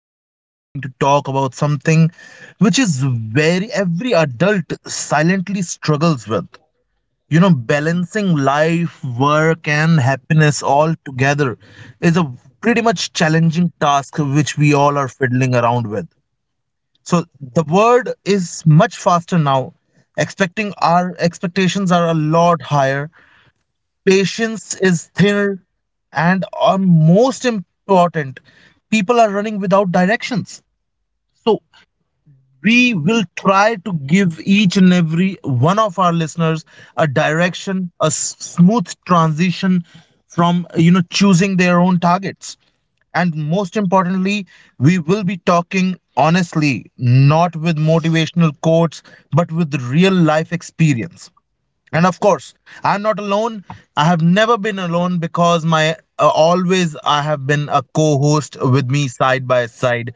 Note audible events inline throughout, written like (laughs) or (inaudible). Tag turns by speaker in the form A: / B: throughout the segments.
A: today we are going to talk about something which is very every adult silently struggles with. Balancing life, work, and happiness all together is a pretty much challenging task which we all are fiddling around with. So the world is much faster now. Expecting our expectations are a lot higher. Patience is thinner, and are most important, people are running without directions. So we will try to give each and every one of our listeners a direction, a smooth transition from choosing their own targets, and most importantly, we will be talking honestly, not with motivational quotes, but with real life experience. And of course, I'm not alone. I have never been alone because my always I have been, a co-host with me side by side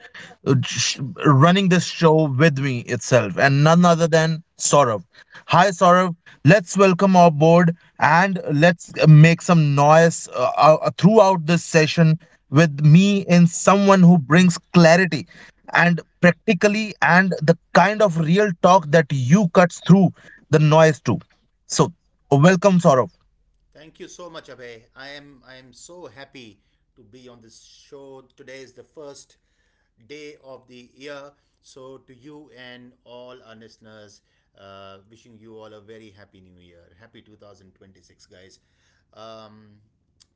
A: uh, sh- running this show with me itself, and none other than Saurav. Hi, Saurav. Let's welcome our board and let's make some noise throughout this session. With me in someone who brings clarity and practically, and the kind of real talk that you cuts through the noise to, so, oh, welcome, Saurav.
B: Thank you so much, Abhay. I am so happy to be on this show. Today is the first day of the year, so to you and all our listeners, wishing you all a very happy New Year. Happy 2026, guys. Um,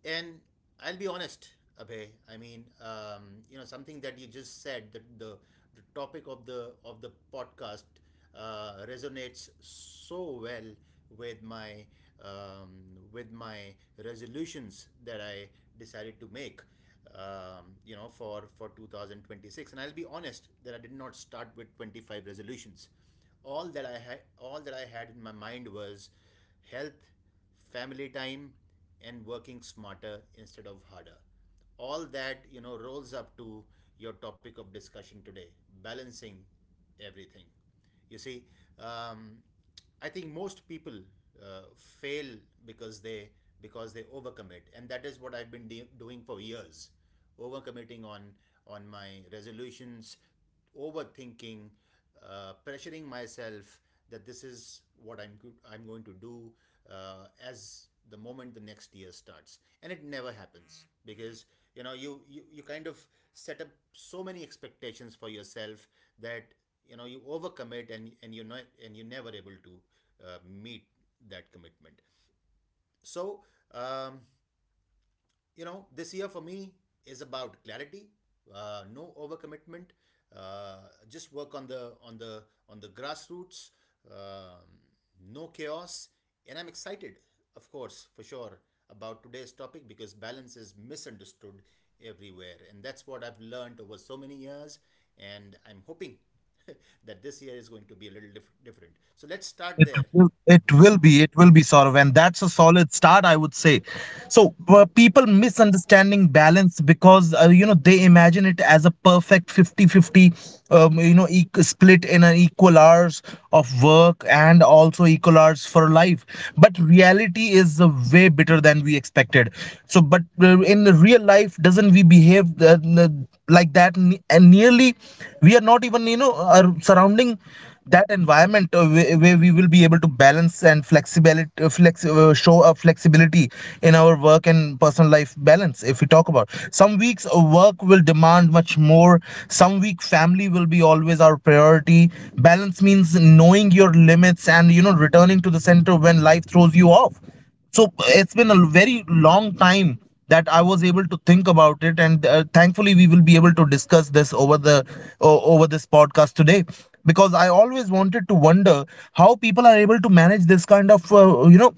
B: and I'll be honest, Abhay. I mean, something that you just said that the topic of the podcast resonates so well with my um, with my resolutions that I decided to make. For 2026, and I'll be honest that I did not start with 25 resolutions. All that I had in my mind was health, family time, and working smarter instead of harder. All that, you know, rolls up to your topic of discussion today, balancing everything. You see, um, I think most people fail because they because they overcommit, and that is what I've been doing for years, overcommitting on my resolutions, overthinking, pressuring myself that this is what I'm good, I'm going to do as the moment the next year starts, and it never happens because you know you kind of set up so many expectations for yourself that you know you overcommit and you're not and you're never able to meet that commitment. So um, you know, this year for me is about clarity, no overcommitment. Uh, just work on the grassroots. Um, no chaos, and I'm excited, of course, for sure, about today's topic because balance is misunderstood everywhere, and that's what I've learned over so many years. And I'm hoping (laughs) that this year is going to be a little different. So let's start there.
A: Well, it will be, it will be, Saurav, and that's a solid start, I would say. So people misunderstanding balance because they imagine it as a perfect 50-50, split in an equal hours of work and also equal hours for life. But reality is way better than we expected. So, but in the real life, doesn't we behave like that? And nearly, we are not even are surrounding that environment where we will be able to balance and flexibility, flex show a flexibility in our work and personal life balance. If we talk about some weeks, work will demand much more. Some week, family will be always our priority. Balance means knowing your limits and returning to the center when life throws you off. So it's been a very long time that I was able to think about it, and thankfully we will be able to discuss this over the over this podcast today, because I always wanted to wonder how people are able to manage this kind of you know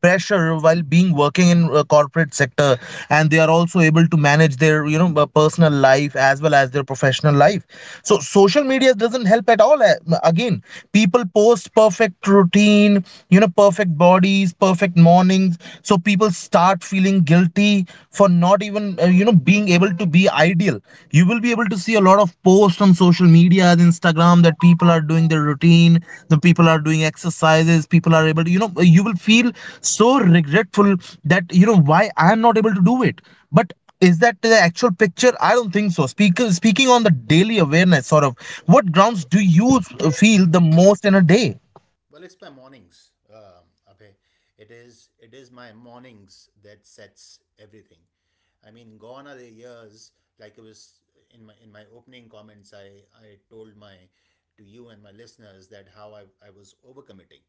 A: pressure while being working in a corporate sector, and they are also able to manage their personal life as well as their professional life. So social media doesn't help at all. Again, people post perfect routine, perfect bodies, perfect mornings. So people start feeling guilty for not even being able to be ideal deal. You will be able to see a lot of posts on social media, Instagram, that people are doing their routine, the people are doing exercises. People are able to, you will feel so regretful that why I am not able to do it. But is that the actual picture? I don't think so. Speaking on the daily awareness, sort of, what grounds do you feel the most in a day?
B: Well, it's my mornings, Abhay. It is my mornings that sets everything. I mean, gone are the years. Like it was in my opening comments, I told my to you and my listeners that how I was overcommitting.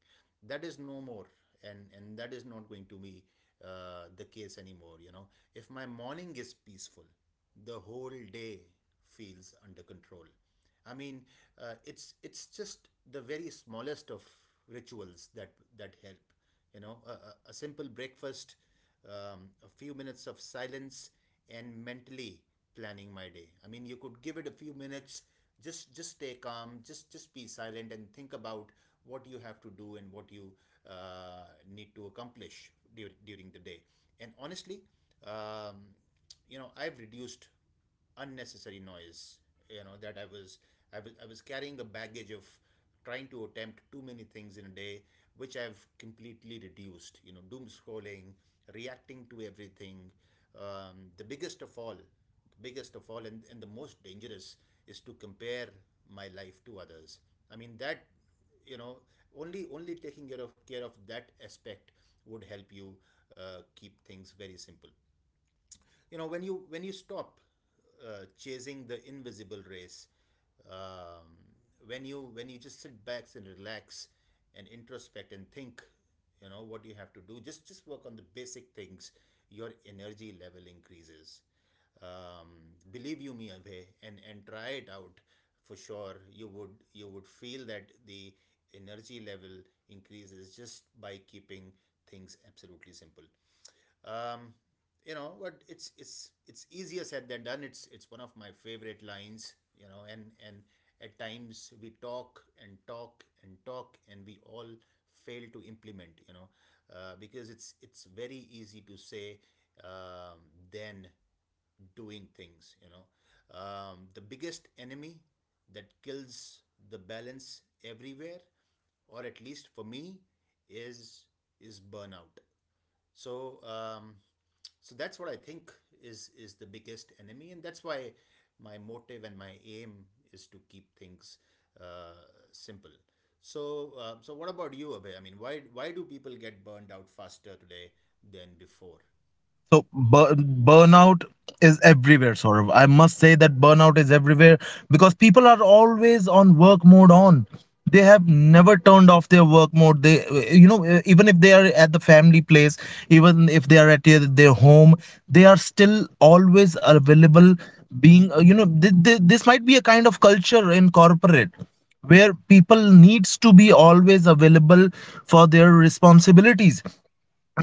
B: That is no more, and that is not going to be the case anymore. You know, if my morning is peaceful, the whole day feels under control. I mean, it's just the very smallest of rituals that help, you know, simple breakfast, a few minutes of silence, and mentally planning my day. I mean, you could give it a few minutes, just stay calm, just be silent and think about what you have to do and what you uh, need to accomplish during the day. And honestly, um, you know, I've reduced unnecessary noise. You know that I was carrying a baggage of trying to attempt too many things in a day, which I've completely reduced, you know, doom scrolling, reacting to everything. The biggest of all, and, the most dangerous, is to compare my life to others. I mean that, you know, only taking care of that aspect would help you keep things very simple. You know, when you stop chasing the invisible race. um, when you when you just sit back and relax and introspect and think, you know, what you have to do, just work on the basic things, your energy level increases. um, Believe you me, Abhay, and try it out. For sure you would feel that the energy level increases just by keeping things absolutely simple. um, but it's easier said than done. It's one of my favorite lines. You know, and at times we talk and talk and talk, and we all fail to implement. You know, because it's very easy to say, um, than doing things. You know, the biggest enemy that kills the balance everywhere, or at least for me, is burnout. So so that's what I think is the biggest enemy, and that's why my motive and my aim is to keep things simple. So so what about you, Abhay? I mean, why do people get burned out faster today than before?
A: So bur- Burnout is everywhere, Saurav. I must say that burnout is everywhere because people are always on work mode on. They have never turned off their work mode. They, even if they are at the family place, even if they are at their home, they are still always available. Being, this might be a kind of culture in corporate, where people needs to be always available for their responsibilities.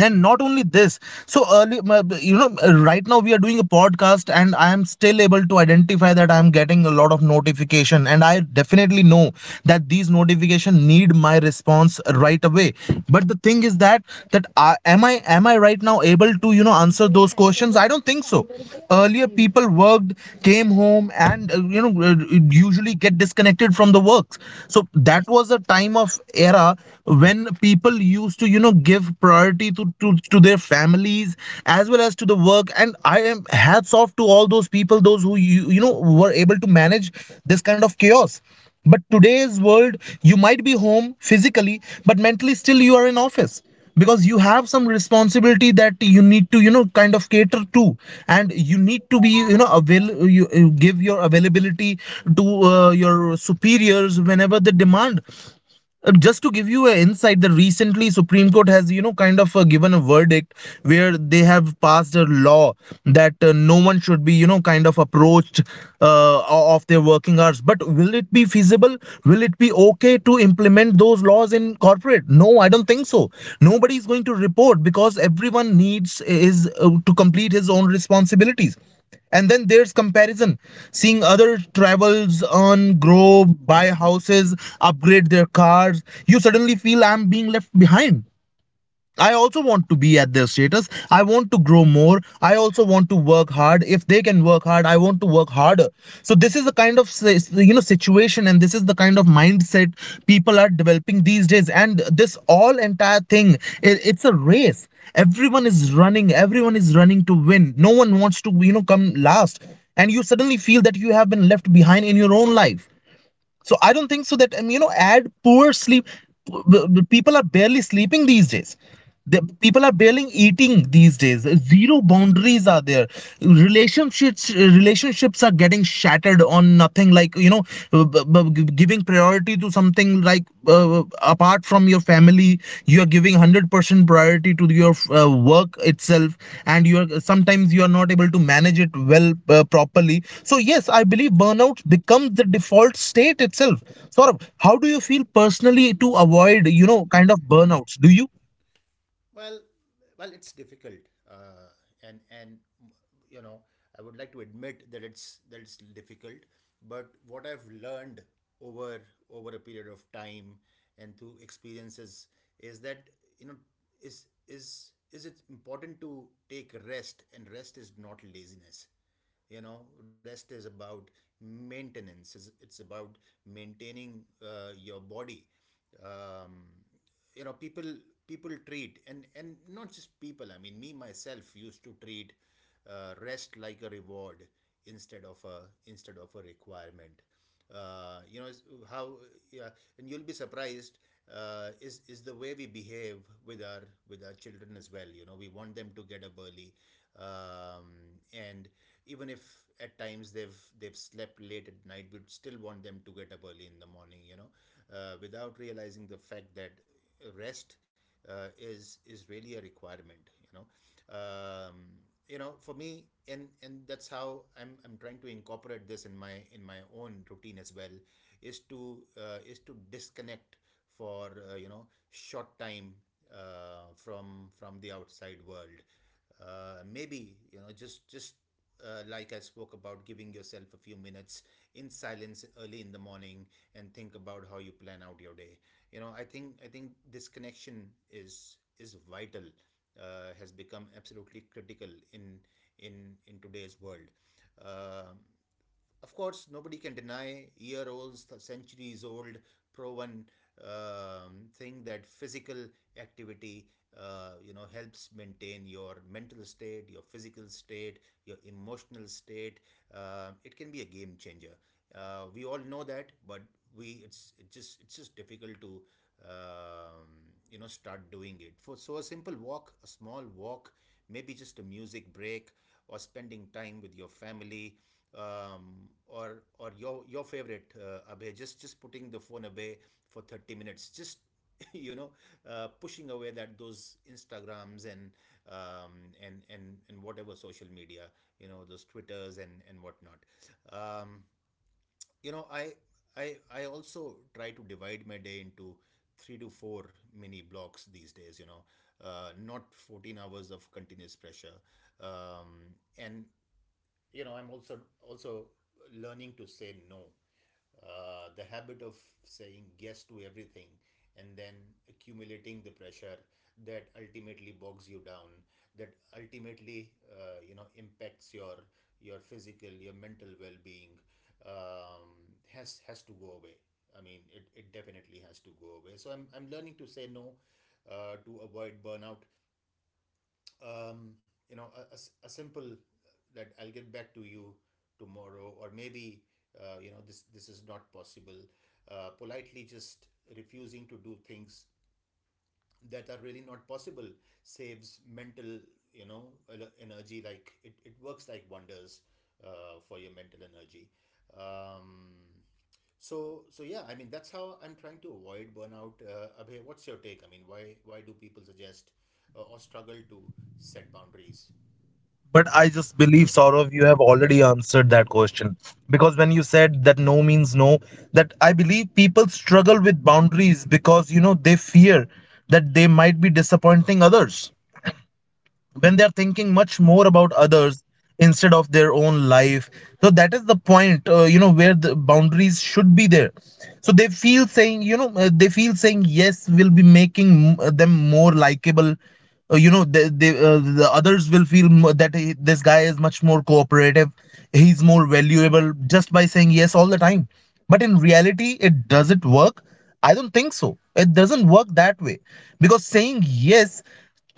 A: And not only this, so early right now we are doing a podcast and I am still able to identify that I am getting a lot of notification, and I definitely know that these notification need my response right away. But the thing is that, that I, am I am I right now able to, answer those questions? I don't think so. Earlier people worked, came home and usually get disconnected from the works. So that was a time of era when people used to, give priority to, to their families as well as to the work, and I am hats off to all those people, those who were able to manage this kind of chaos. But today's world, you might be home physically but mentally still you are in office, because you have some responsibility that you need to, kind of cater to, and you need to be, you give your availability to your superiors whenever they demand. Just to give you an insight, the recently Supreme Court has, kind of, given a verdict where they have passed a law that, no one should be, kind of approached of their working hours. But will it be feasible? Will it be okay to implement those laws in corporate? No, I don't think so. Nobody is going to report, because everyone needs is, to complete his own responsibilities. And then there's comparison. Seeing other travels on, grow, buy houses, upgrade their cars, you suddenly feel I'm being left behind. I also want to be at their status. I want to grow more. I also want to work hard. If they can work hard, I want to work harder. So this is the kind of, situation, and this is the kind of mindset people are developing these days, and this all entire thing, it's a race. Everyone is running to win. No one wants to, come last, and you suddenly feel that you have been left behind in your own life. So I don't think so that, add poor sleep. People are barely sleeping these days. The people are barely eating these days. Zero boundaries are there. Relationships are getting shattered on nothing. Like, giving priority to something like, apart from your family, you are giving 100% priority to your work itself, and you are sometimes you are not able to manage it properly. So yes, I believe burnout becomes the default state itself. Saurabh, how do you feel personally to avoid, kind of burnouts, do you?
B: Well, it's difficult, and you know, I would like to admit that it's difficult. But what I've learned over over a period of time and through experiences is that, you know, is it important to take rest, and rest is not laziness. You know, rest is about maintenance. It's about maintaining your body. um, you know, people treat, and not just people, I mean me myself used to treat rest like a reward instead of a requirement. You know, how? Yeah. And you'll be surprised is the way we behave with our with our children as well. You know, we want them to get up early. um, and even if at times they've slept late at night, we'd still want them to get up early in the morning. You know, without realizing the fact that rest is really a requirement. You know, for me, and that's how I'm trying to incorporate this in my own routine as well, is to disconnect for, you know, short time from the outside world. Maybe, you know, just like I spoke about, giving yourself a few minutes in silence early in the morning and think about how you plan out your day. You know, I think this connection is vital. Has become absolutely critical in today's world. Um of course, nobody can deny year old, centuries old, proven thing that physical activity, you know, helps maintain your mental state, your physical state, your emotional state. It can be a game changer. We all know that, but we it's it just it's just difficult to um, you know, start doing it. For so a simple walk, a small walk, maybe just a music break or spending time with your family, or your favorite, Abhay, just putting the phone away for 30 minutes, just (laughs) you know, pushing away that those Instagrams and, and whatever social media, you know, those Twitters and whatnot. Um, you know, I also try to divide my day into three to four mini blocks these days. You know, not 14 hours of continuous pressure, and you know, I'm also learning to say no. The habit of saying yes to everything and then accumulating the pressure that ultimately bogs you down, that ultimately you know, impacts your physical, your mental well-being, has to go away. I mean, it definitely has to go away, so I'm learning to say no to avoid burnout. um, you know, a simple, that I'll get back to you tomorrow, or maybe, you know, this is not possible. Politely just refusing to do things that are really not possible saves mental, you know, energy. Like, it works like wonders for your mental energy. Um, so yeah, I mean, that's how I'm trying to avoid burnout. Abhay, what's your take? I mean, why do people suggest or struggle to set boundaries?
A: But I just believe, Saurav, you have already answered that question. Because when you said that no means no, that I believe people struggle with boundaries because, they fear that they might be disappointing others, when they're thinking much more about
B: True.
A: others instead of their own life. So that is the point, where the boundaries should be there. So they feel saying, they feel saying yes will be making, them more likable. They, the others will feel, that this guy is much more cooperative, he's more valuable just by saying yes all the time. But in reality it doesn't work. I don't think so, it doesn't work that way. Because saying yes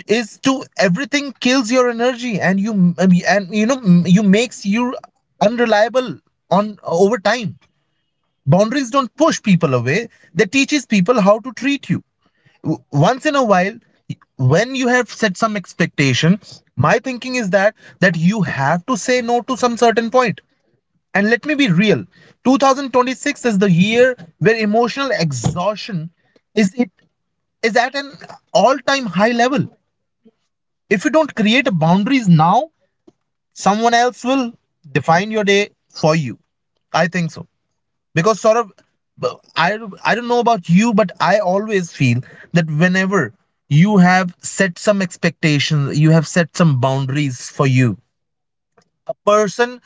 A: is to everything kills your energy, and you makes you unreliable on over time. Boundaries don't push people away, they teaches people how to treat you. Once in a while, when you have set some expectation, my thinking is that you have to say no to some certain point. And let me be real, 2026 is the year where emotional exhaustion is it is at an all time high level. If you don't create boundaries now, someone else will define your day for you. I think so. Because sort of, I I don't know about you, but I always feel that, whenever you have set some expectations, you have set some boundaries for you, person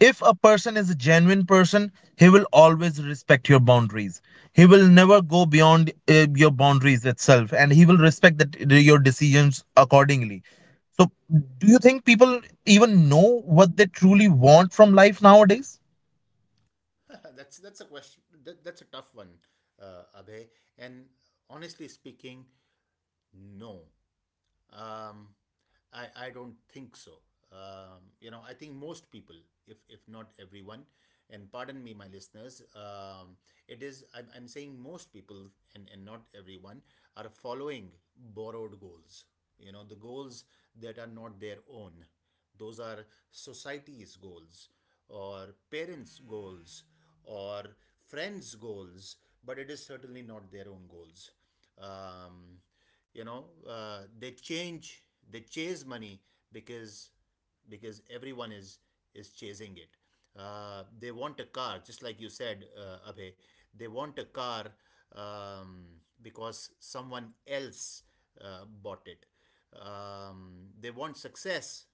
A: if a person is a genuine person, he will always respect your boundaries. He will never go beyond, your boundaries itself, and he will respect that, your decisions accordingly. So, do you think people even know what they truly want from life nowadays?
B: (laughs) That's a question. That's a tough one, Abhay. And honestly speaking, no. Um, I don't think so. You know, I think most people, if, not everyone, and pardon me, my listeners, it is, I'm saying most people and, not everyone, are following borrowed goals. You know, the goals that are not their own. Those are society's goals or parents' goals or friends' goals, but it is certainly not their own goals. Um, they change, they chase money because because everyone is chasing it. They want a car, just like you said, Abhay. They want a car, um, because someone else bought it. They want success.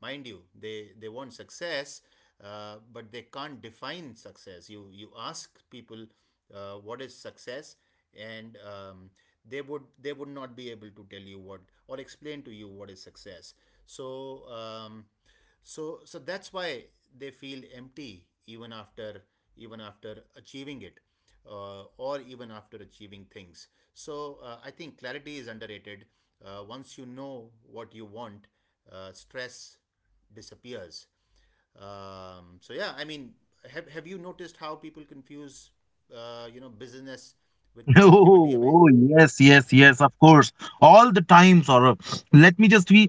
B: Mind you, they want success, but they can't define success. You ask people what is success, and they would, they would not be able to tell you what, or explain to you what is success. So so that's why they feel empty even after achieving it, or even after achieving things. So I think clarity is underrated. Once you know what you want, stress disappears. So yeah, I mean, have you noticed how people confuse you know, business with
A: (laughs)
B: productivity, Abhay?
A: Oh, yes, yes, yes, of course. All the time, Saurabh. Let me just be,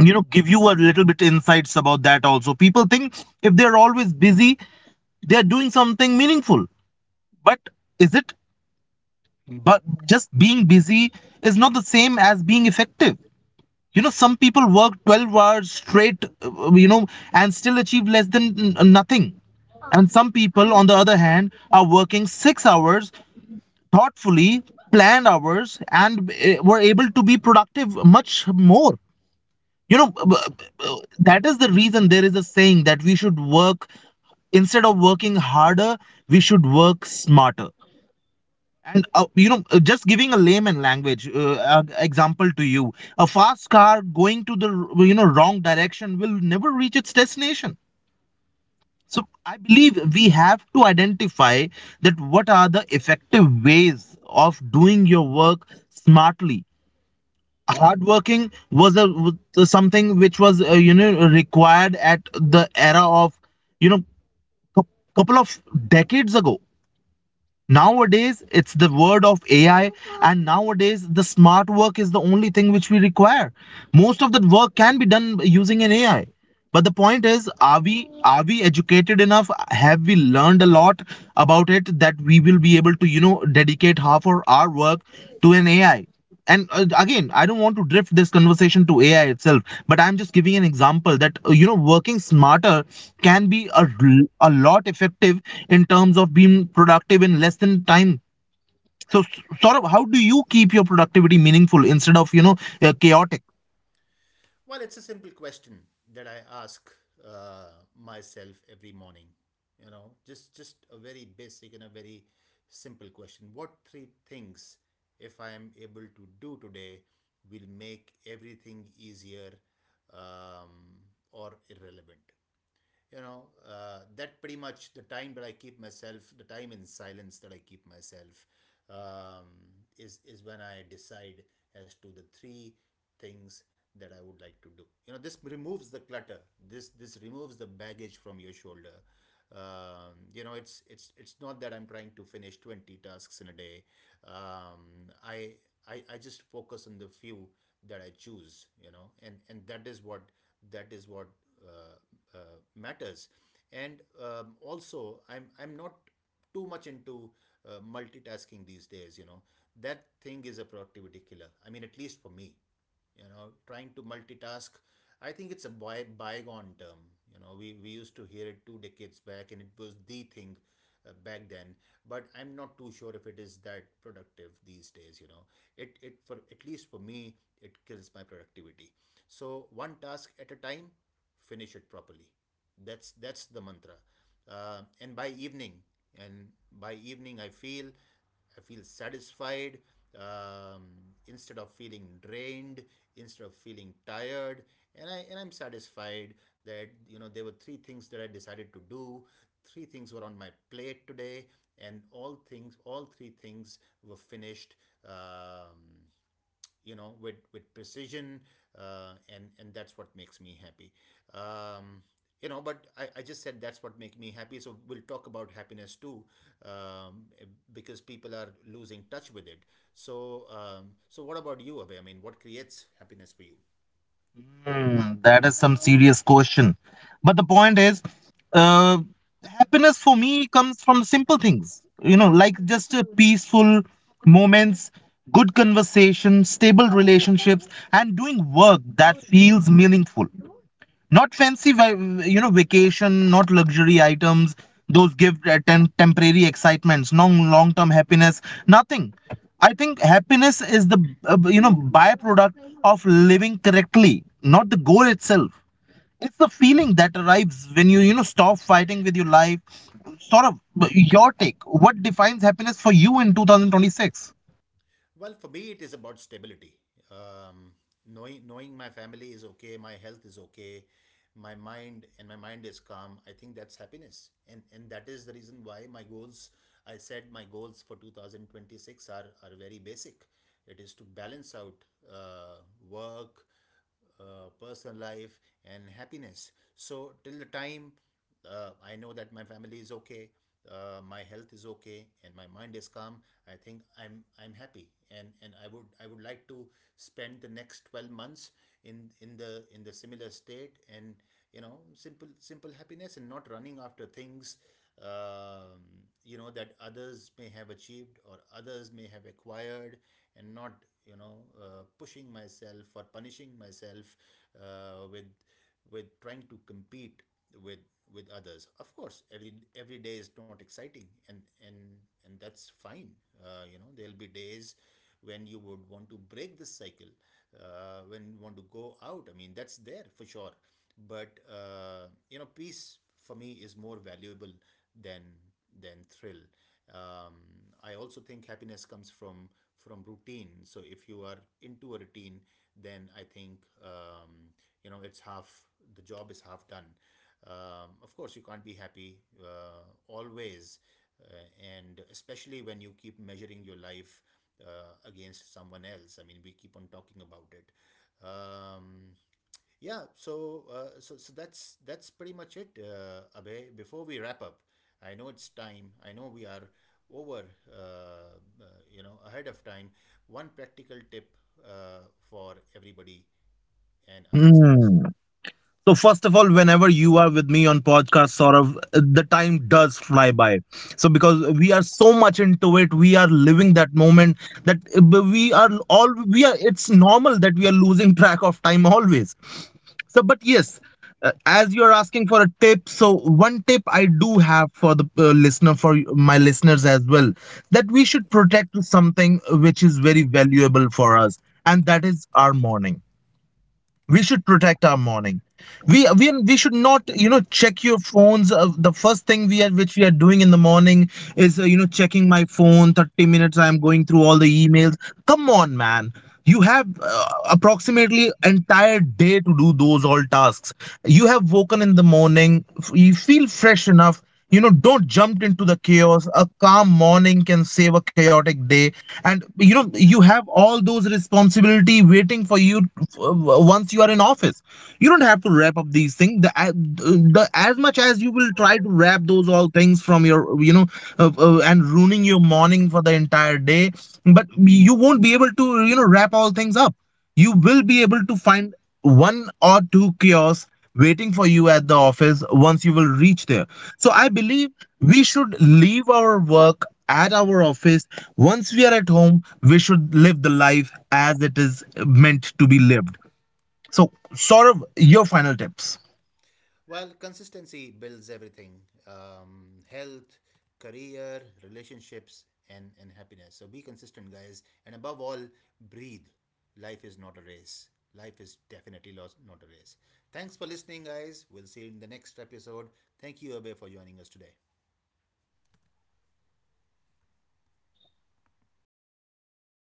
A: give you a little bit insights about that also. People think if they're always busy, they're doing something meaningful. But is it? But just being busy is not the same as being effective. You know, some people work 12 hours straight, and still achieve less than nothing. And some people, on the other hand, are working 6 hours thoughtfully, planned hours, and were able to be productive much more. You know, that is the reason there is a saying that we should work instead of working harder, we should work smarter. Just giving a layman language example to you, a fast car going to the wrong direction will never reach its destination. So I believe we have to identify that what are the effective ways of doing your work smartly. Hardworking was a Was something which was required at the era of you know cou- couple of decades ago. Nowadays, it's the word of AI, and nowadays, the smart work is the only thing which we require. Most of the work can be done using an AI. But the point is, are we educated enough? Have we learned a lot about it that we will be able to, dedicate half of our work to an AI? And again, I don't want to drift this conversation to AI itself, but I'm just giving an example that working smarter can be
B: Yeah.
A: a lot effective in terms of being productive in less than time. So sort of how do you keep your productivity meaningful instead of chaotic?
B: Well, it's a simple question that I ask uh, myself every morning. You know, just a very basic and a very simple question. What three things, if I am able to do today, will make everything easier um, or irrelevant? That pretty much the time that I keep myself, the time in silence that I keep myself, um, is when I decide as to the three things that I would like to do. This removes the clutter. This removes the baggage from your shoulder. It's not that I'm trying to finish 20 tasks in a day. um, I, I just focus on the few that I choose, and that is what uh, matters. And also, I'm not too much into multitasking these days. You know, that thing is a productivity killer. I mean, at least for me, you know, trying to multitask. I think it's a bygone term. You know, we used to hear it two decades back, and it was the thing back then. But I'm not too sure if it is that productive these days. You know, it for at least for me, it kills my productivity. So one task at a time, finish it properly. That's the mantra, and by evening. And by evening, I feel satisfied, um, instead of feeling drained, instead of feeling tired. And I'm satisfied that, you know, there were three things that I decided to do. Three things were on my plate today, and all three things were finished, um, with with precision. And that's what makes me happy. um, but I just said that's what makes me happy, so we'll talk about happiness too, um, because people are losing touch with it. So so what about you, Abhay? I mean, what creates happiness for you?
A: Hmm, that is some serious question. But the point is, uh, happiness for me comes from simple things, you know, like just peaceful moments, good conversation, stable relationships, and doing work that feels meaningful. Not fancy, va- You know, vacation, not luxury items. Those give temporary excitements, no long term happiness, nothing. I think happiness is the, byproduct of living correctly, not the goal itself. It's the feeling that arrives when you, stop fighting with your life. Sort of your take. What defines happiness for you in 2026?
B: Well, for me, it is about stability. Um, knowing my family is okay, my health is okay, my mind is calm. I think that's happiness, and that is the reason why my goals. I said my goals for 2026 are very basic. It is to balance out uh, work, personal life, and happiness. So till the time I know that my family is okay, my health is okay, and my mind is calm, I think I'm happy, and I would, I would like to spend the next 12 months in the similar state. And, you know, simple happiness, and not running after things, um, that others may have achieved or others may have acquired, and not, you know, pushing myself or punishing myself, uh, with with trying to compete with with others. Of course, every day is not exciting, and and that's fine. You know, there'll be days when you would want to break this cycle, when you want to go out. I mean, that's there for sure. But you know, peace for me is more valuable than than thrill. um, I also think happiness comes from routine. So if you are into a routine, then I think, you know, it's half, the job is half done. Of course, you can't be happy, always, and especially when you keep measuring your life against someone else. I mean, we keep on talking about it. um, yeah. So that's pretty much it. Abhay, before we wrap up, I know it's time, I know we are over, uh, uh, you know, ahead of time. One practical tip, uh, for everybody and our listeners.
A: So first of all, whenever you are with me on podcast, sort of the time does fly by. So because we are so much into it, we are living that moment that we are all we are. It's normal that we are losing track of time always. So, but yes, as you are asking for a tip, so one tip I do have for the listener, for my listeners as well, that we should protect something which is very valuable for us, and that is our morning. We should protect our morning. We should not, you know, check your phones the first thing we are which we are doing in the morning is checking my phone 30 minutes, I am going through all the emails. Come on, man, you have approximately entire day to do those all tasks. You have woken in the morning, you feel fresh enough. You know, don't jump into the chaos. A calm morning can save a chaotic day. And you know you have all those responsibility waiting for you. uh, Once you are in office, you don't have to wrap up these things. The as much as you will try to wrap those all things from your, you know, and ruining your morning for the entire day, but you won't be able to, you know, wrap all things up. You will be able to find one or two kiosks waiting for you at the office once you will reach there. So I believe we should leave our work at our office once we are at home. We should live the life as it is meant to be lived. So, Saurav, your final tips.
B: Well, consistency builds everything: health, career, relationships, and happiness. So be consistent, guys. And above all, breathe. Life is not a race. Life is definitely lost, not a race. Thanks for listening, guys. We'll see you in the next episode. Thank you, Abhay, for joining us today.